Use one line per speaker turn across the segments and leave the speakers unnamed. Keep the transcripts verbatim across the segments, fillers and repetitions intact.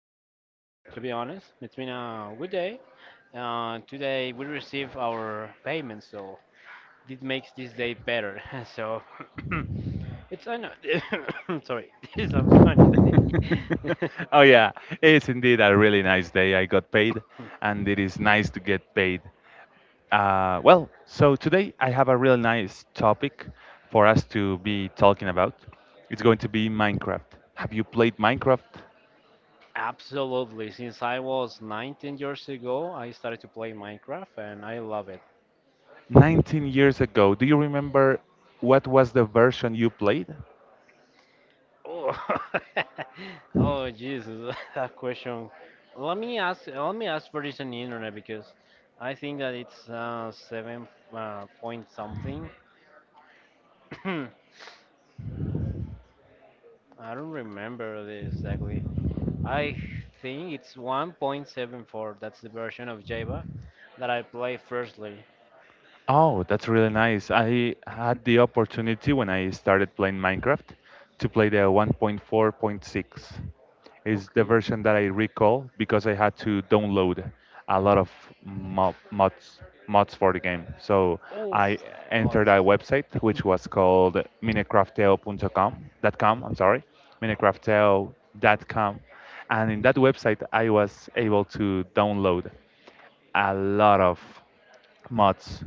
It's pretty good, to be honest. It's been a good day. Uh, today we receive our payment, so it makes this day better. So it's I know. Sorry, this is a funny day.
Oh, yeah, it's indeed a really nice day. I got paid, and it is nice to get paid. Uh, well, so today I have a real nice topic for us to be talking about. It's going to be Minecraft. Have you played Minecraft?
Absolutely. Since I was nineteen years ago, I started to play Minecraft and I love it.
nineteen years ago, do you remember what was the version you played?
Oh, oh Jesus, that question. Let me ask. Let me ask for this on the internet because I think that it's uh, seven uh, point something. I don't remember this exactly. I think it's one point seven four. That's the version of Java that I play firstly.
Oh, that's really nice. I had the opportunity when I started playing Minecraft to play the one point four.6. It's the
Okay.
version that I recall because I had to download a lot of mo mods mods for the game. So
Oh,
I entered
mods.
a website which was called minecrafteo dot com, dot com, dot com, I'm sorry, minecrafteo dot com. And in that website I was able to download a lot of mods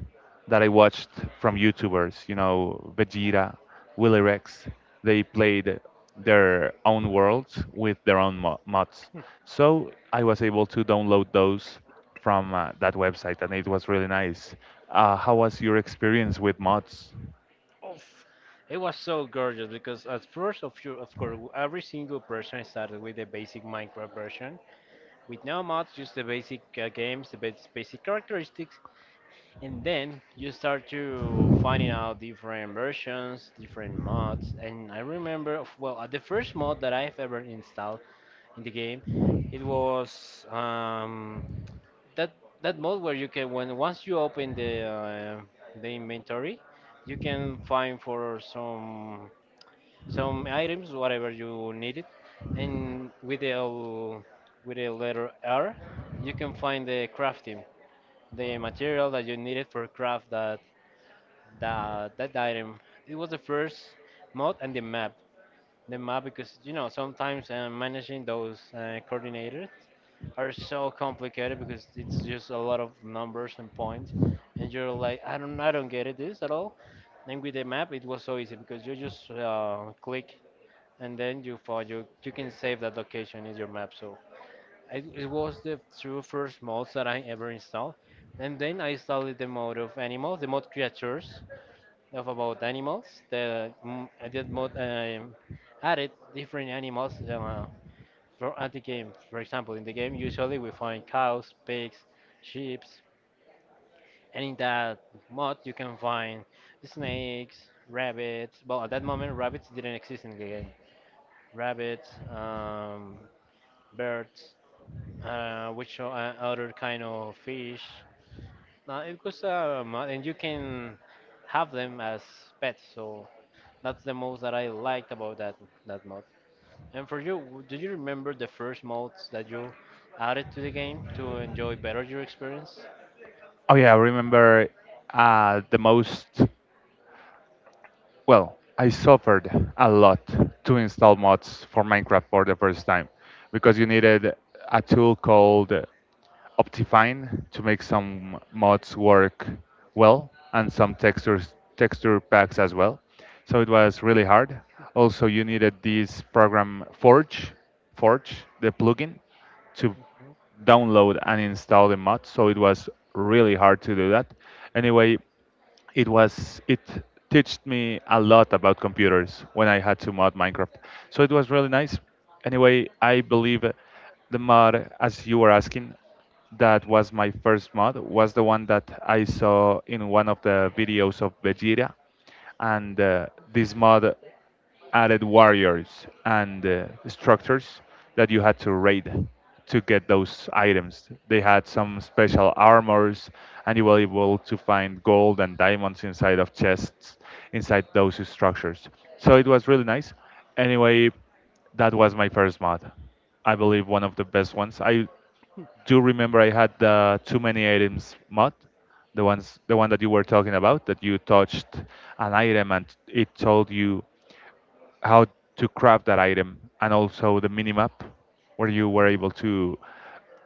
that I watched from YouTubers, you know, Vegeta, Willy Rex. They played their own worlds with their own mo- mods. So I was able to download those from uh, that website, and it was really nice. Uh, how was your experience with mods?
It was so gorgeous because at first, of, your, of course, w- every single person started with the basic Minecraft version, with no mods, just the basic uh, games, the bas- basic characteristics, and then you start to finding out different versions, different mods. And I remember, of- well, uh, the first mod that I've ever installed in the game, it was um, that that mod where you can when once you open the uh, the inventory, you can find for some some items, whatever you needed. And with the l- with the letter R, you can find the crafting, the material that you needed for craft that that that item. It was the first mod and the map. The map because you know sometimes uh, managing those uh, coordinators are so complicated because it's just a lot of numbers and points, and you're like, I don't i don't get it this at all. And with the map it was so easy because you just uh, click, and then you for you you can save that location in your map. So it, it was the two first mods that I ever installed, and then I installed the mode of animals, the mod creatures of about animals. The mm, I did mod um, added different animals uh, for at the game. For example, in the game usually we find cows, pigs, sheep, and in that mod you can find snakes, rabbits. Well, at that moment rabbits didn't exist in the game. rabbits, um, Birds, uh, which o- uh, other kind of fish. Now, it was um, uh, And you can have them as pets. So that's the most that I liked about that that mod. And for you, w- do you remember the first mods that you added to the game to enjoy better your experience?
Oh yeah, I remember uh, the most. Well, I suffered a lot to install mods for Minecraft for the first time because you needed a tool called Optifine to make some mods work well and some textures texture packs as well. So it was really hard. Also, you needed this program Forge, Forge, the plugin to download and install the mod. So it was really hard to do that. Anyway, it was it taught me a lot about computers when I had to mod Minecraft. So it was really nice. Anyway, I believe the mod, as you were asking, that was my first mod was the one that I saw in one of the videos of Vegeta, and uh, this mod added warriors and uh, structures that you had to raid to get those items. They had some special armors, and you were able to find gold and diamonds inside of chests inside those structures. So it was really nice. Anyway, that was my first mod. I believe one of the best ones. I do remember I had the too many items mod, the ones the one that you were talking about that you touched an item and it told you how to craft that item and also the minimap where you were able to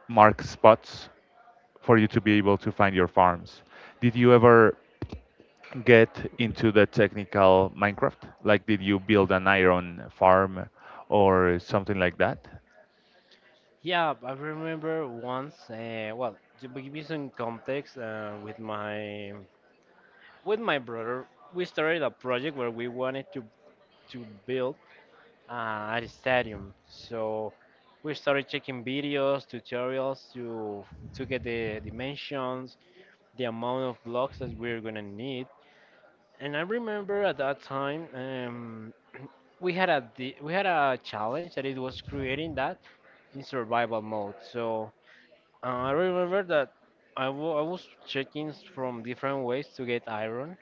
mark spots for you to be able to find your farms. Did you ever get into the technical Minecraft? Like, did you build an iron farm or something like that?
Yeah, I remember once. Uh, well, to give you some context, uh, with my with my brother, we started a project where we wanted to to build uh, at Stadium. So we started checking videos, tutorials to to get the dimensions, the amount of blocks that we're gonna need. And I remember at that time, um, we had a di- we had a challenge that it was creating that in survival mode. So uh, I remember that I wa- I was checking from different ways to get iron,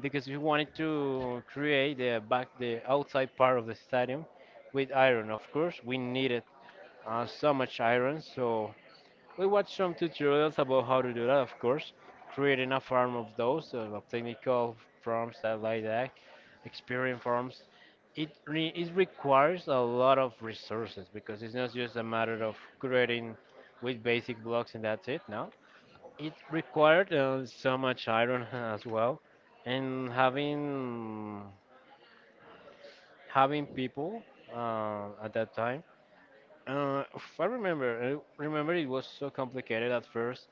because we wanted to create the back the outside part of the stadium with iron. Of course, we needed uh, so much iron, so we watched some tutorials about how to do that. Of course, creating a farm of those uh, of technical farms that like that, experience farms. It re- it requires a lot of resources because it's not just a matter of creating with basic blocks and that's it. No, it required uh, so much iron as well, and having having people uh, at that time. Uh, if I remember. I remember it was so complicated at first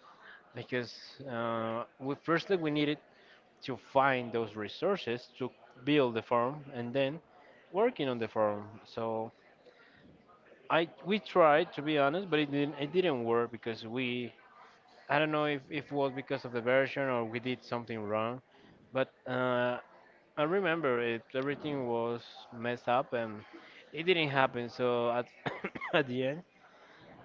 because uh, we, firstly we needed to find those resources to build the farm and then working on the farm. So I we tried to be honest, but it didn't it didn't work because we I don't know if, if it was because of the version or we did something wrong. But uh, I remember it. Everything was messed up and it didn't happen. So at at the end,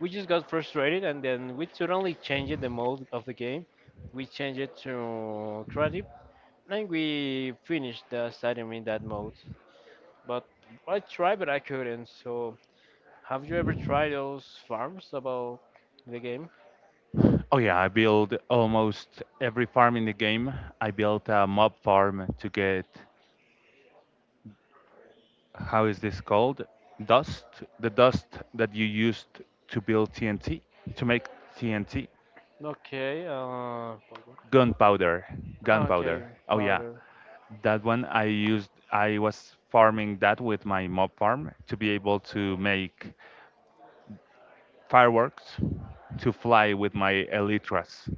we just got frustrated and then we suddenly changed the mode of the game. We changed it to creative and we finished the stadium in that mode. But I tried, but I couldn't. So have you ever tried those farms about the game?
Oh yeah, I build almost every farm in the game. I built a mob farm to get how is this called? Dust, the dust that you used to build T N T, to make T N T,
Okay. Uh,
gunpowder,
okay,
gunpowder. Oh yeah,
powder.
that one I used. I was farming that with my mob farm to be able to make fireworks to fly with my elytras.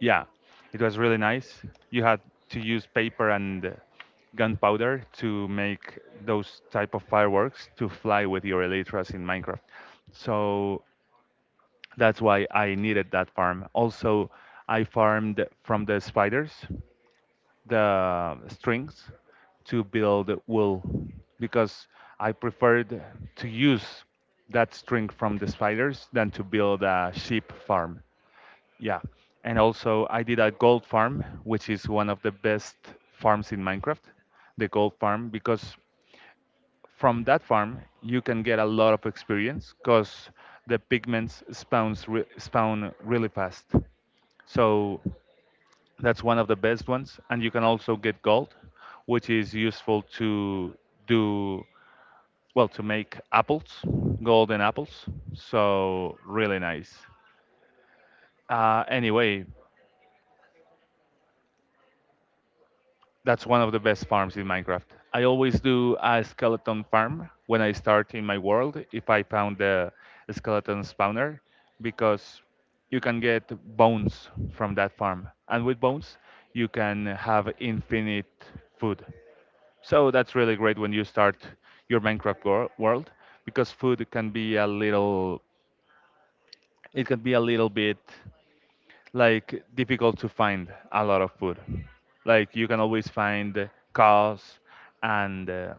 Yeah, it was really nice. You had to use paper and uh, gunpowder to make those type of fireworks to fly with your elytras in Minecraft. So that's why I needed that farm. Also, I farmed from the spiders the strings to build wool because I preferred to use that string from the spiders than to build a sheep farm. Yeah, and also I did a gold farm, which is one of the best farms in Minecraft, the gold farm, because from that farm you can get a lot of experience because the pigments spawns re spawn really fast. So that's one of the best ones, and you can also get gold, which is useful to do well to make apples, golden apples. So really nice. Uh, anyway, that's one of the best farms in Minecraft. I always do a skeleton farm when I start in my world if I found the skeleton spawner because you can get bones from that farm. And with bones, you can have infinite food. So that's really great when you start your Minecraft wor- world because food can be a little it can be a little bit like difficult to find a lot of food. Like you can always find cows and uh,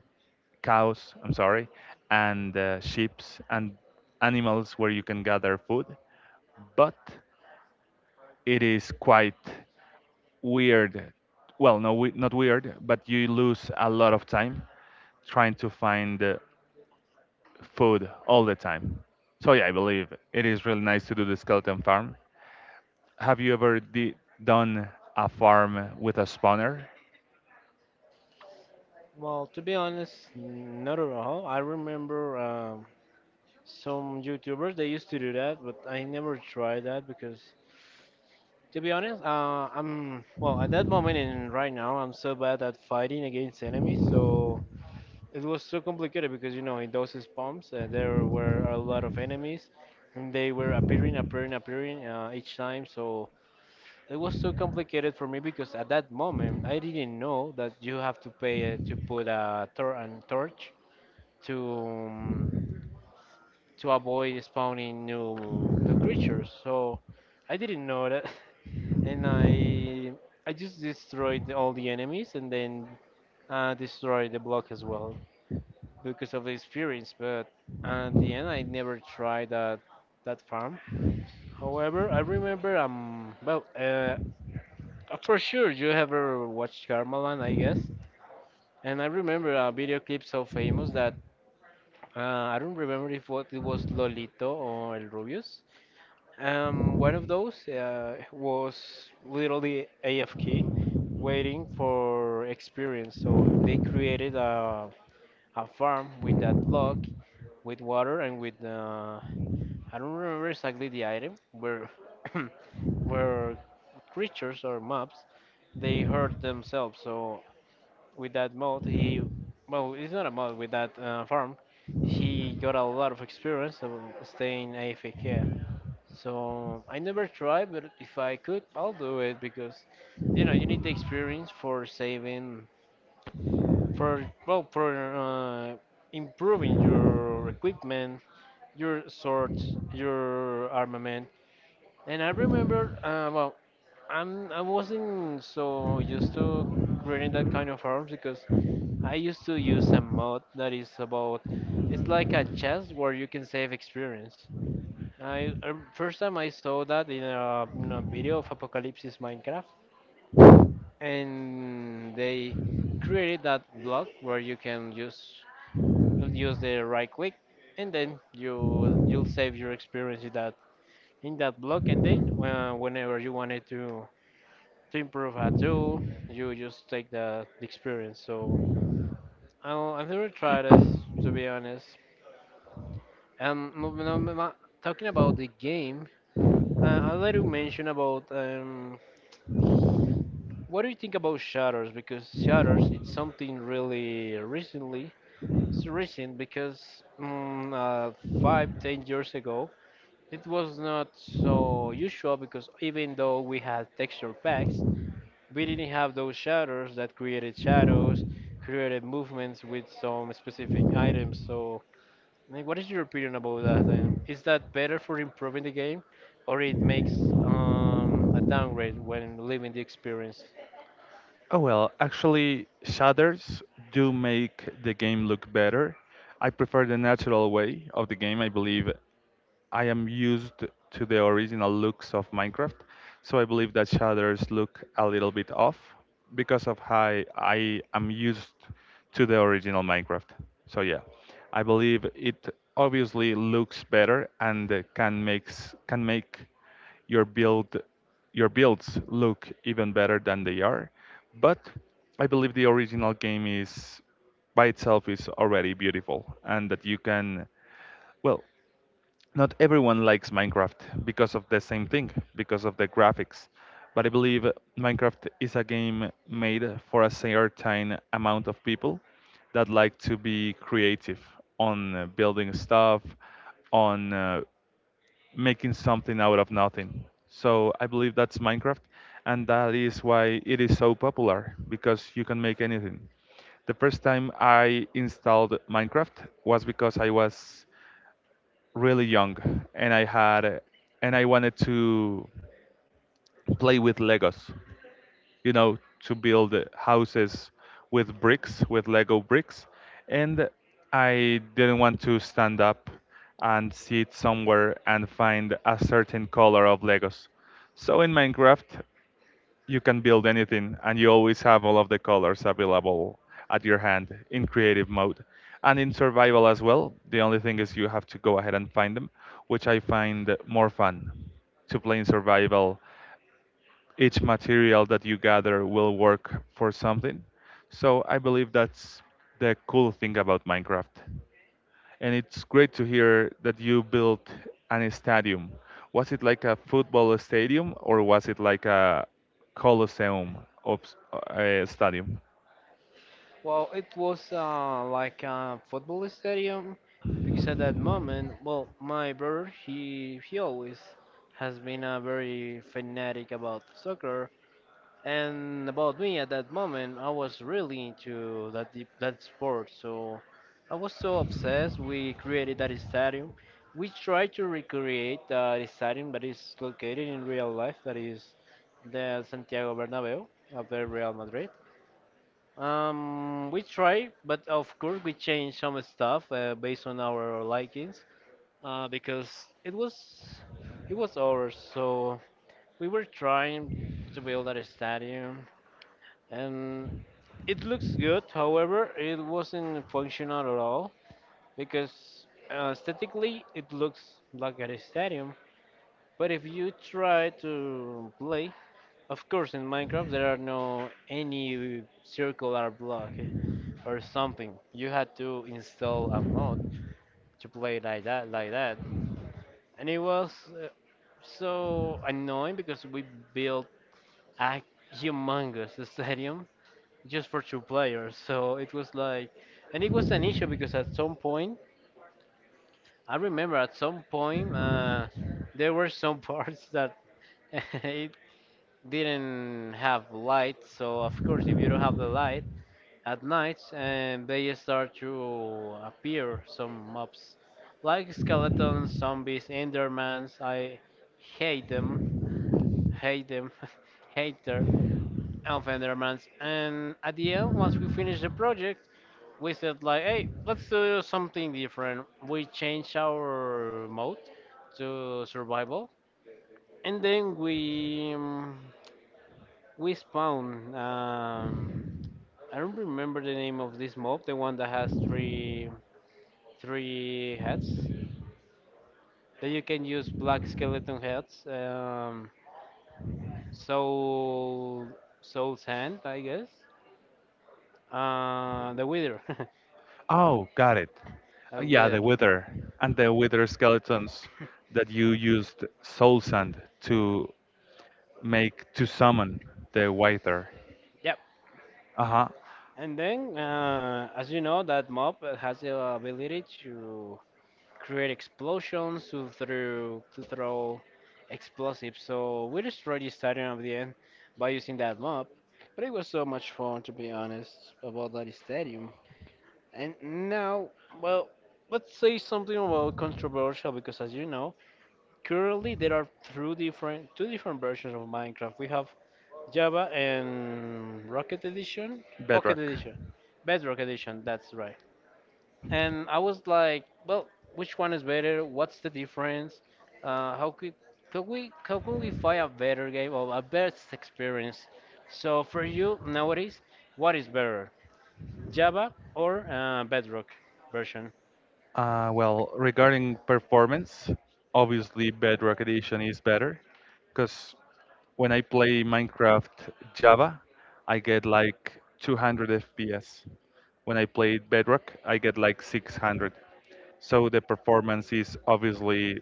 cows, I'm sorry, and uh, sheep and animals where you can gather food, but it is quite weird. Well, no, we, not weird, but you lose a lot of time trying to find uh, food all the time. So yeah, I believe it is really nice to do the skeleton farm. Have you ever di- done a farm with a spawner?
Well, to be honest, not at all. I remember. Um, Some YouTubers they used to do that, but I never tried that because, to be honest, uh, I'm well at that moment and right now I'm so bad at fighting against enemies. So it was so complicated because you know in those spawns uh, there were a lot of enemies, and they were appearing, appearing, appearing uh, each time. So it was so complicated for me because at that moment I didn't know that you have to pay uh, to put a tor- an torch to um, to avoid spawning new new creatures. So I didn't know that, and I I just destroyed all the enemies and then uh, destroyed the block as well because of the experience. But at the end, I never tried that that farm. However, I remember, um well uh for sure you ever watched Karmaland, I guess. And I remember a video clip so famous that, uh, I don't remember if what it was Lolito or El Rubius. Um, one of those uh, was literally A F K, waiting for experience. So they created a, a farm with that block, with water, and with uh, I don't remember exactly the item where where creatures or mobs they hurt themselves. So with that mod, he, well, it's not a mod. With that uh, farm, he got a lot of experience of staying A F K. So I never tried, but if I could, I'll do it because you know you need the experience for saving, for well, for uh, improving your equipment, your swords, your armament. And I remember, uh, well, I'm I wasn't so used to creating that kind of arms because I used to use a mod that is about, it's like a chest where you can save experience. I uh, First time I saw that in a, in a video of Apocalypse Minecraft, and they created that block where you can just use the right click, and then you you'll save your experience in that in that block, and then uh, whenever you wanted to to improve a tool, you just take the experience. So I'll, I've never tried this, to be honest. Um, no- no- no- Talking about the game, uh, I'd like to mention about, um what do you think about Shutters? Because Shutters, it's something really recently. It's recent because mm, uh, five, ten years ago, it was not so usual because even though we had texture packs, we didn't have those shadows that created shadows, created movements with some specific items. So, I mean, what is your opinion about that? And is that better for improving the game, or it makes um, a downgrade when leaving the experience?
Oh well, actually, shaders do make the game look better. I prefer the natural way of the game, I believe. I am used to the original looks of Minecraft, so I believe that shaders look a little bit off because of how I am used to the original Minecraft. So yeah, I believe it obviously looks better and uh, can makes can make your build your builds look even better than they are. But I believe the original game is by itself is already beautiful, and that you can, well, not everyone likes Minecraft because of the same thing, because of the graphics. But I believe Minecraft is a game made for a certain amount of people that like to be creative on uh, building stuff, on uh, making something out of nothing. So I believe that's Minecraft, and that is why it is so popular because you can make anything. The first time I installed Minecraft was because I was really young, and I had and I wanted to play with Legos, you know, to build houses with bricks, with Lego bricks. And I didn't want to stand up and sit somewhere and find a certain color of Legos. So in Minecraft, you can build anything, and you always have all of the colors available at your hand in creative mode and in survival as well. The only thing is you have to go ahead and find them, which I find more fun. To play in survival, each material that you gather will work for something. So I believe that's the cool thing about Minecraft. And it's great to hear that you built an stadium. Was it like a football stadium or was it like a Colosseum of s- uh, stadium?
Well, it was uh, like a football stadium because at that moment, well, my brother he he always has been a very fanatic about soccer, and about me at that moment I was really into that deep, that sport. So I was so obsessed, we created that stadium. We tried to recreate the stadium that is located in real life, that is the Santiago Bernabeu of the Real Madrid. Um, we try, but of course we change some stuff uh, based on our likings, uh, because it was it was ours. So we were trying to build that stadium, and it looks good. However, it wasn't functional at all because uh, aesthetically it looks like a stadium. But if you try to play, of course, in Minecraft there are no any circular block. Or something. You had to install a mod to play like that, like that, and it was uh, so annoying because we built a humongous stadium just for two players. So it was like, and it was an issue because at some point, I remember at some point, uh, there were some parts that it didn't have light. So of course, if you don't have the light at night, and they start to appear some mobs, like skeletons, zombies, endermans. I hate them, hate them, hater of endermans. And at the end, once we finish the project, we said like, hey, let's do something different. We change our mode to survival, and then we, um, we spawn. Um, I don't remember the name of this mob, the one that has three three heads that you can use black skeleton heads um soul soul's hand I guess uh the wither
Oh, got it.
a
Uh, Yeah, the
wither
wither and the wither skeletons that you used soul sand to make to summon the wither.
yep
Uh-huh.
and then uh as you know that mob has the ability to create explosions to throw to throw explosives so we destroyed the stadium at the end by using that mob, but it was so much fun to be honest about that stadium. And now, well, let's say something about controversial because, as you know, currently there are two different two different versions of Minecraft. We have Java and Rocket Edition, Pocket
Bedrock.
Edition, Bedrock Edition. That's right. And I was like, well, which one is better? What's the difference? Uh, how could could we how could we find a better game or a best experience? So for you nowadays, what is better, Java or uh, Bedrock version?
Uh, well, regarding performance, obviously Bedrock Edition is better because when I play Minecraft Java, I get like two hundred F P S. When I play Bedrock, I get like six hundred. So the performance is obviously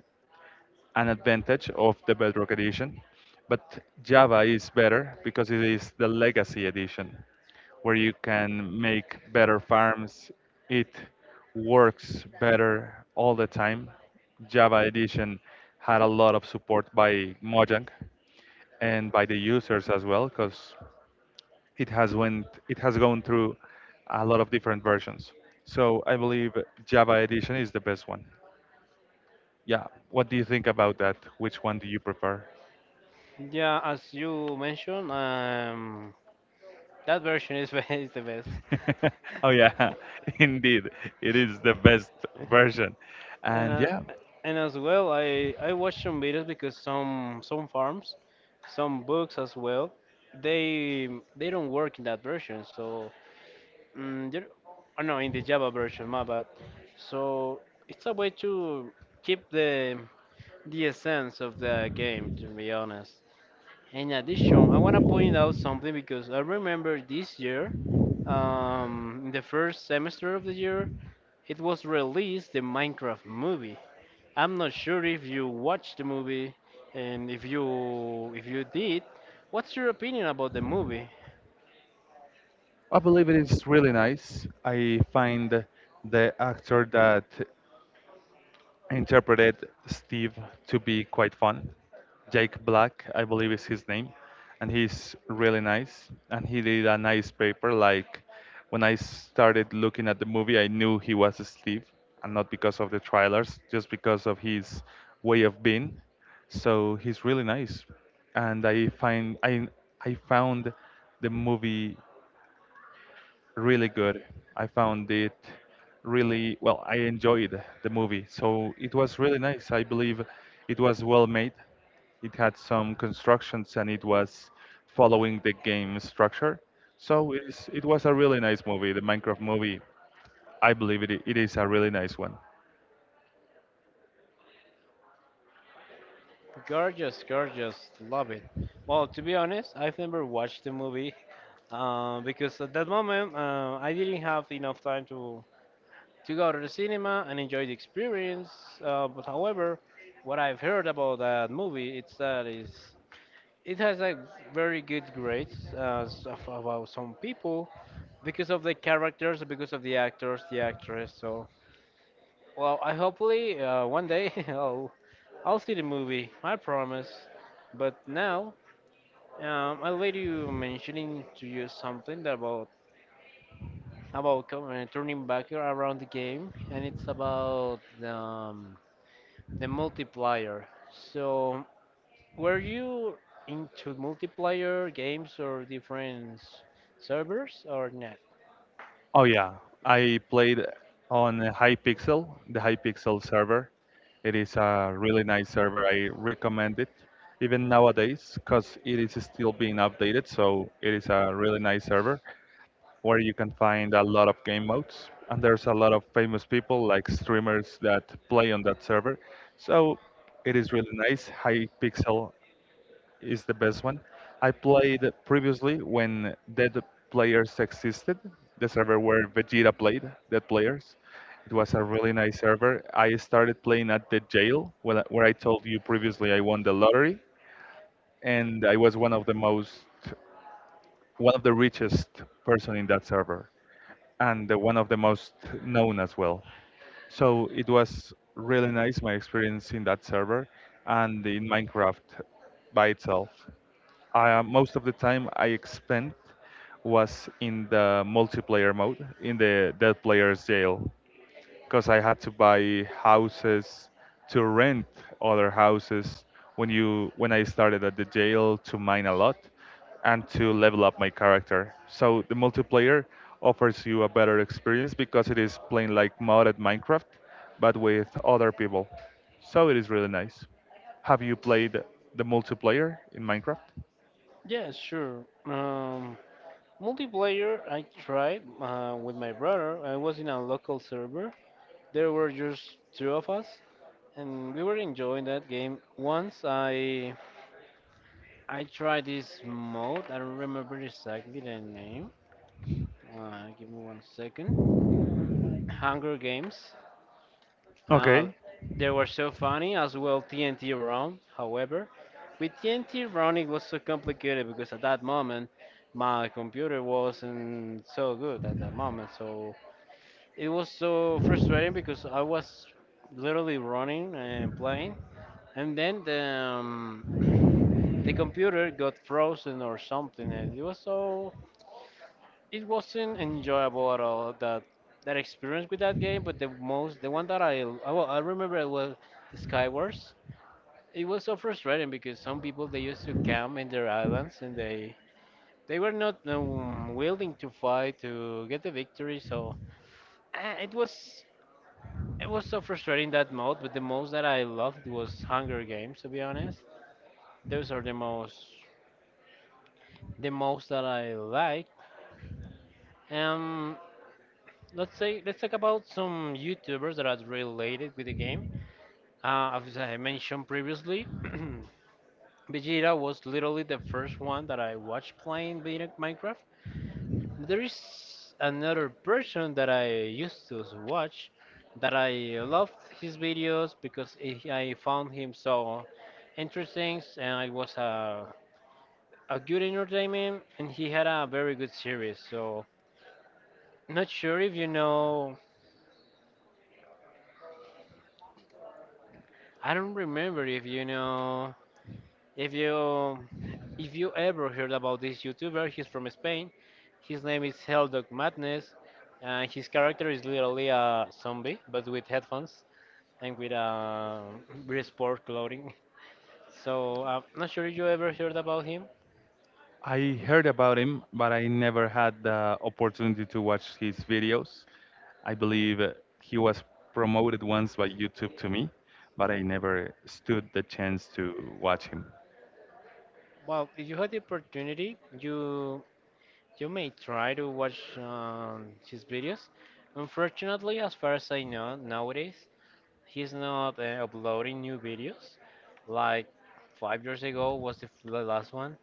an advantage of the Bedrock edition, but Java is better because it is the legacy edition where you can make better farms. It works better all the time. Java edition had a lot of support by Mojang and by the users as well because it has went it has gone through a lot of different versions. So I believe Java edition is the best one. Yeah. What do you think about that? Which one do you prefer?
Yeah, as you mentioned, um, that version is, be- is the best.
Oh yeah, indeed, it is the best version,
And
and
uh,
yeah,
and as well, I I watch some videos because some some farms, some books as well, they they don't work in that version. So mm, they're- oh no, in the Java version, my bad. So it's a way to keep the the essence of the game, to be honest. In addition, I want to point out something because I remember this year, um, in the first semester of the year, it was released the Minecraft movie. I'm not sure if you watched the movie, and if you if you did, what's your opinion about the movie?
I believe it is really nice. I find the actor that interpreted Steve to be quite fun. Jake Black, I believe is his name, and he's really nice. And he did a nice paper. Like when I started looking at the movie, I knew he was Steve, and not because of the trailers, just because of his way of being. So he's really nice, and I find I I found the movie really good. I found it really well. I enjoyed the movie, so it was really nice. I believe it was well made. It had some constructions and it was following the game structure. So it is. It was a really nice movie. The Minecraft movie. I believe it. It is a really nice one.
Gorgeous, gorgeous, love it. Well, to be honest, I've never watched the movie uh, because at that moment uh, I didn't have enough time to to go to the cinema and enjoy the experience. Uh, but however, what I've heard about that movie, it's that is it has like very good grades uh, s- of- about some people because of the characters, because of the actors, the actress. So well, I hopefully uh, one day I'll I'll see the movie. I promise. But now um, I'll let mentioning to you something that about about co- uh, turning back around the game, and it's about um, the multiplayer. So, were you into multiplayer games or different s- servers or not?
Oh yeah, I played on the Hypixel, the Hypixel server. It is a really nice server. I recommend it even nowadays because it is still being updated. So it is a really nice server where you can find a lot of game modes, and there's a lot of famous people like streamers that play on that server. So it is really nice. Hypixel is the best one. I played previously when dead players existed, the server where Vegeta played dead players. It was a really nice server. I started playing at the jail where I, where I told you previously I won the lottery, and I was one of the most, one of the richest person in that server, and the one of the most known as well. So it was really nice my experience in that server and in Minecraft by itself. I, uh, most of the time I spent was in the multiplayer mode in the dead player's jail because I had to buy houses to rent other houses when you when I started at the jail to mine a lot and to level up my character. So the multiplayer offers you a better experience because it is playing like modded Minecraft but with other people. So it is really nice. Have you played the multiplayer in Minecraft?
Yeah, sure. Um, multiplayer, I tried uh, with my brother. I was in a local server. There were just two of us, and we were enjoying that game. Once I I tried this mode. I don't remember exactly the name. Uh, give me one second. Hunger Games. Uh,
Okay.
they were so funny as well. T N T Run, however, with T N T Run it was so complicated because at that moment my computer wasn't so good at that moment, so it was so frustrating because I was literally running and playing, and then the um, the computer got frozen or something, and it was so it wasn't enjoyable at all that that experience with that game, but the most the one that I I, well, I remember was the Skywars. It was so frustrating because some people they used to camp in their islands and they they were not um, willing to fight to get the victory. So uh, it was it was so frustrating that mode. But the most that I loved was Hunger Games. To be honest, those are the most the most that I like. Um, Let's say let's talk about some YouTubers that are related with the game. Uh, as I mentioned previously, Vegeta was literally the first one that I watched playing Vita- Minecraft. There is another person that I used to watch that I loved his videos because I I found him so interesting and it was a, a good entertainment and he had a very good series. So, not sure if you know, I don't remember if you know If you if you ever heard about this YouTuber, he's from Spain. His name is Helldog Madness, and his character is literally a zombie, but with headphones and with a very sport clothing. So I'm not sure if you ever heard about him.
I heard about him, but I never had the opportunity to watch his videos. I believe uh, he was promoted once by YouTube to me, but I never stood the chance to watch him.
Well, if you had the opportunity, you you may try to watch um, his videos. Unfortunately, as far as I know nowadays, he's not uh, uploading new videos. Like five years ago was the, f- the last one.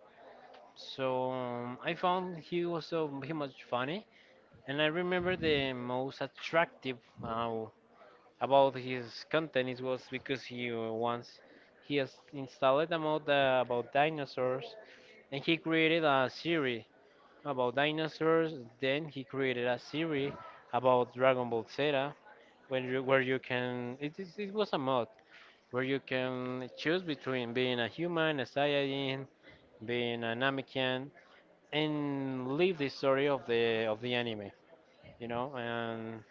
So um, I found he was so he much funny, and I remember the most attractive uh, about his content is was because he uh, once he has installed a mod uh, about dinosaurs, and he created a series about dinosaurs. Then he created a series about Dragon Ball Z, when you, where you can it, is- it was a mod where you can choose between being a human, a Saiyajin, being a Namekian, and live the story of the of the anime. You know, and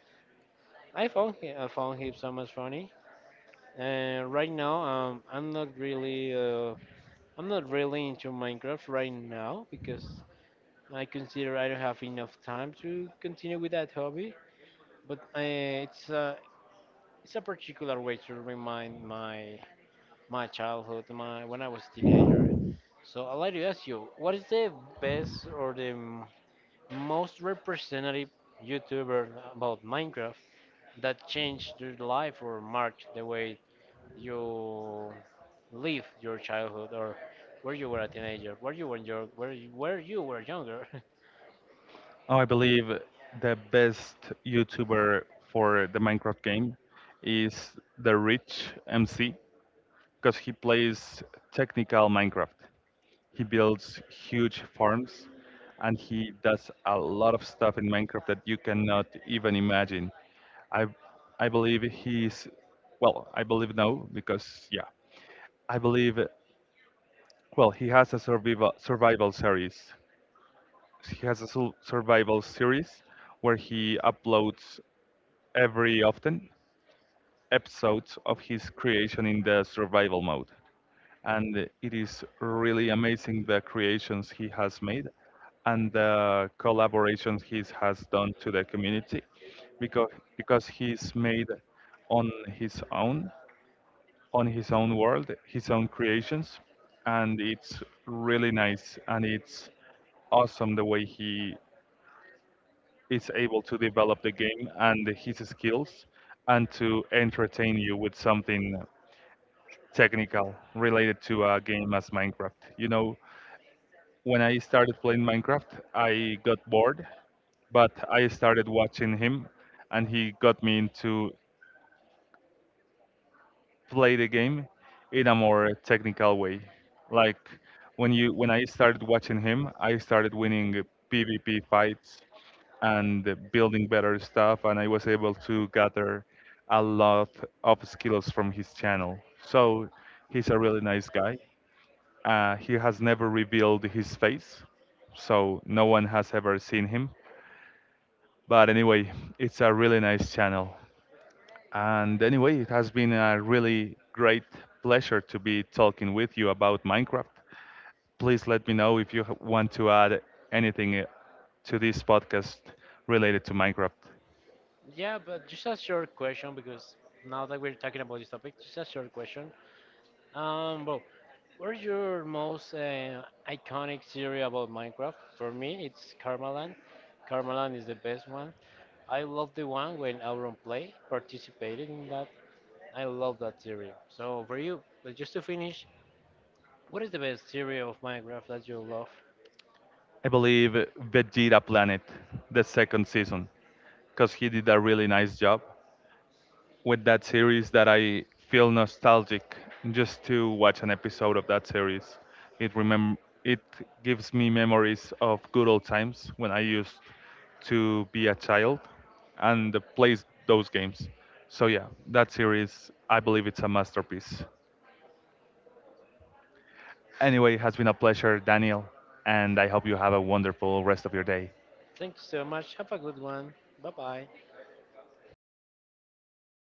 I found him, I found him so much funny. And right now, um, I'm not really uh, I'm not really into Minecraft right now because I consider I don't have enough time to continue with that hobby. But uh, it's a it's a particular way to remind my my childhood, my when I was a teenager. So I'd like to ask you, what is the best or the m- most representative YouTuber about Minecraft that changed your life or marked the way you live your childhood or where you were a teenager, where you were your, where you, where you were younger?
Oh, I believe the best YouTuber for the Minecraft game is the Rich M C because he plays technical Minecraft. He builds huge farms and he does a lot of stuff in Minecraft that you cannot even imagine. I I believe he's, well, I believe no because yeah, I believe, well, he has a survival survival series. He has a sul- survival series where he uploads every often episodes of his creation in the survival mode. And it is really amazing the creations he has made and the collaborations he has done to the community because because he's made on his own on his own world his own creations, and it's really nice, and it's awesome the way he is able to develop the game and his skills and to entertain you with something technical related to a game as Minecraft. You know, When I started playing Minecraft, I got bored, but I started watching him and he got me into play the game in a more technical way. Like when you when I started watching him, I started winning PvP fights and building better stuff, and I was able to gather a lot of skills from his channel. So he's a really nice guy uh, He has never revealed his face, so no one has ever seen him. But anyway, it's a really nice channel. And anyway, it has been a really great pleasure to be talking with you about Minecraft. Please let me know if you h- want to add anything uh, to this podcast related to Minecraft.
yeah, but just a short question because now that we're talking about this topic, just a short question. Um, well, what is your most uh, iconic series about Minecraft? For me, it's Karmaland. Karmaland is the best one. I love the one when Auron Play participated in that. I love that series. So for you, but just to finish, what is the best series of Minecraft that you love?
I believe Vegeta Planet, the second season, because he did a really nice job with that series that I feel nostalgic just to watch an episode of that series. It remem- it gives me memories of good old times when I used to be a child and play those games. So yeah, that series I believe it's a masterpiece. Anyway, it has been a pleasure, Daniel, and I hope you have a wonderful rest of your day.
Thank you so much. Have a good one. Bye bye.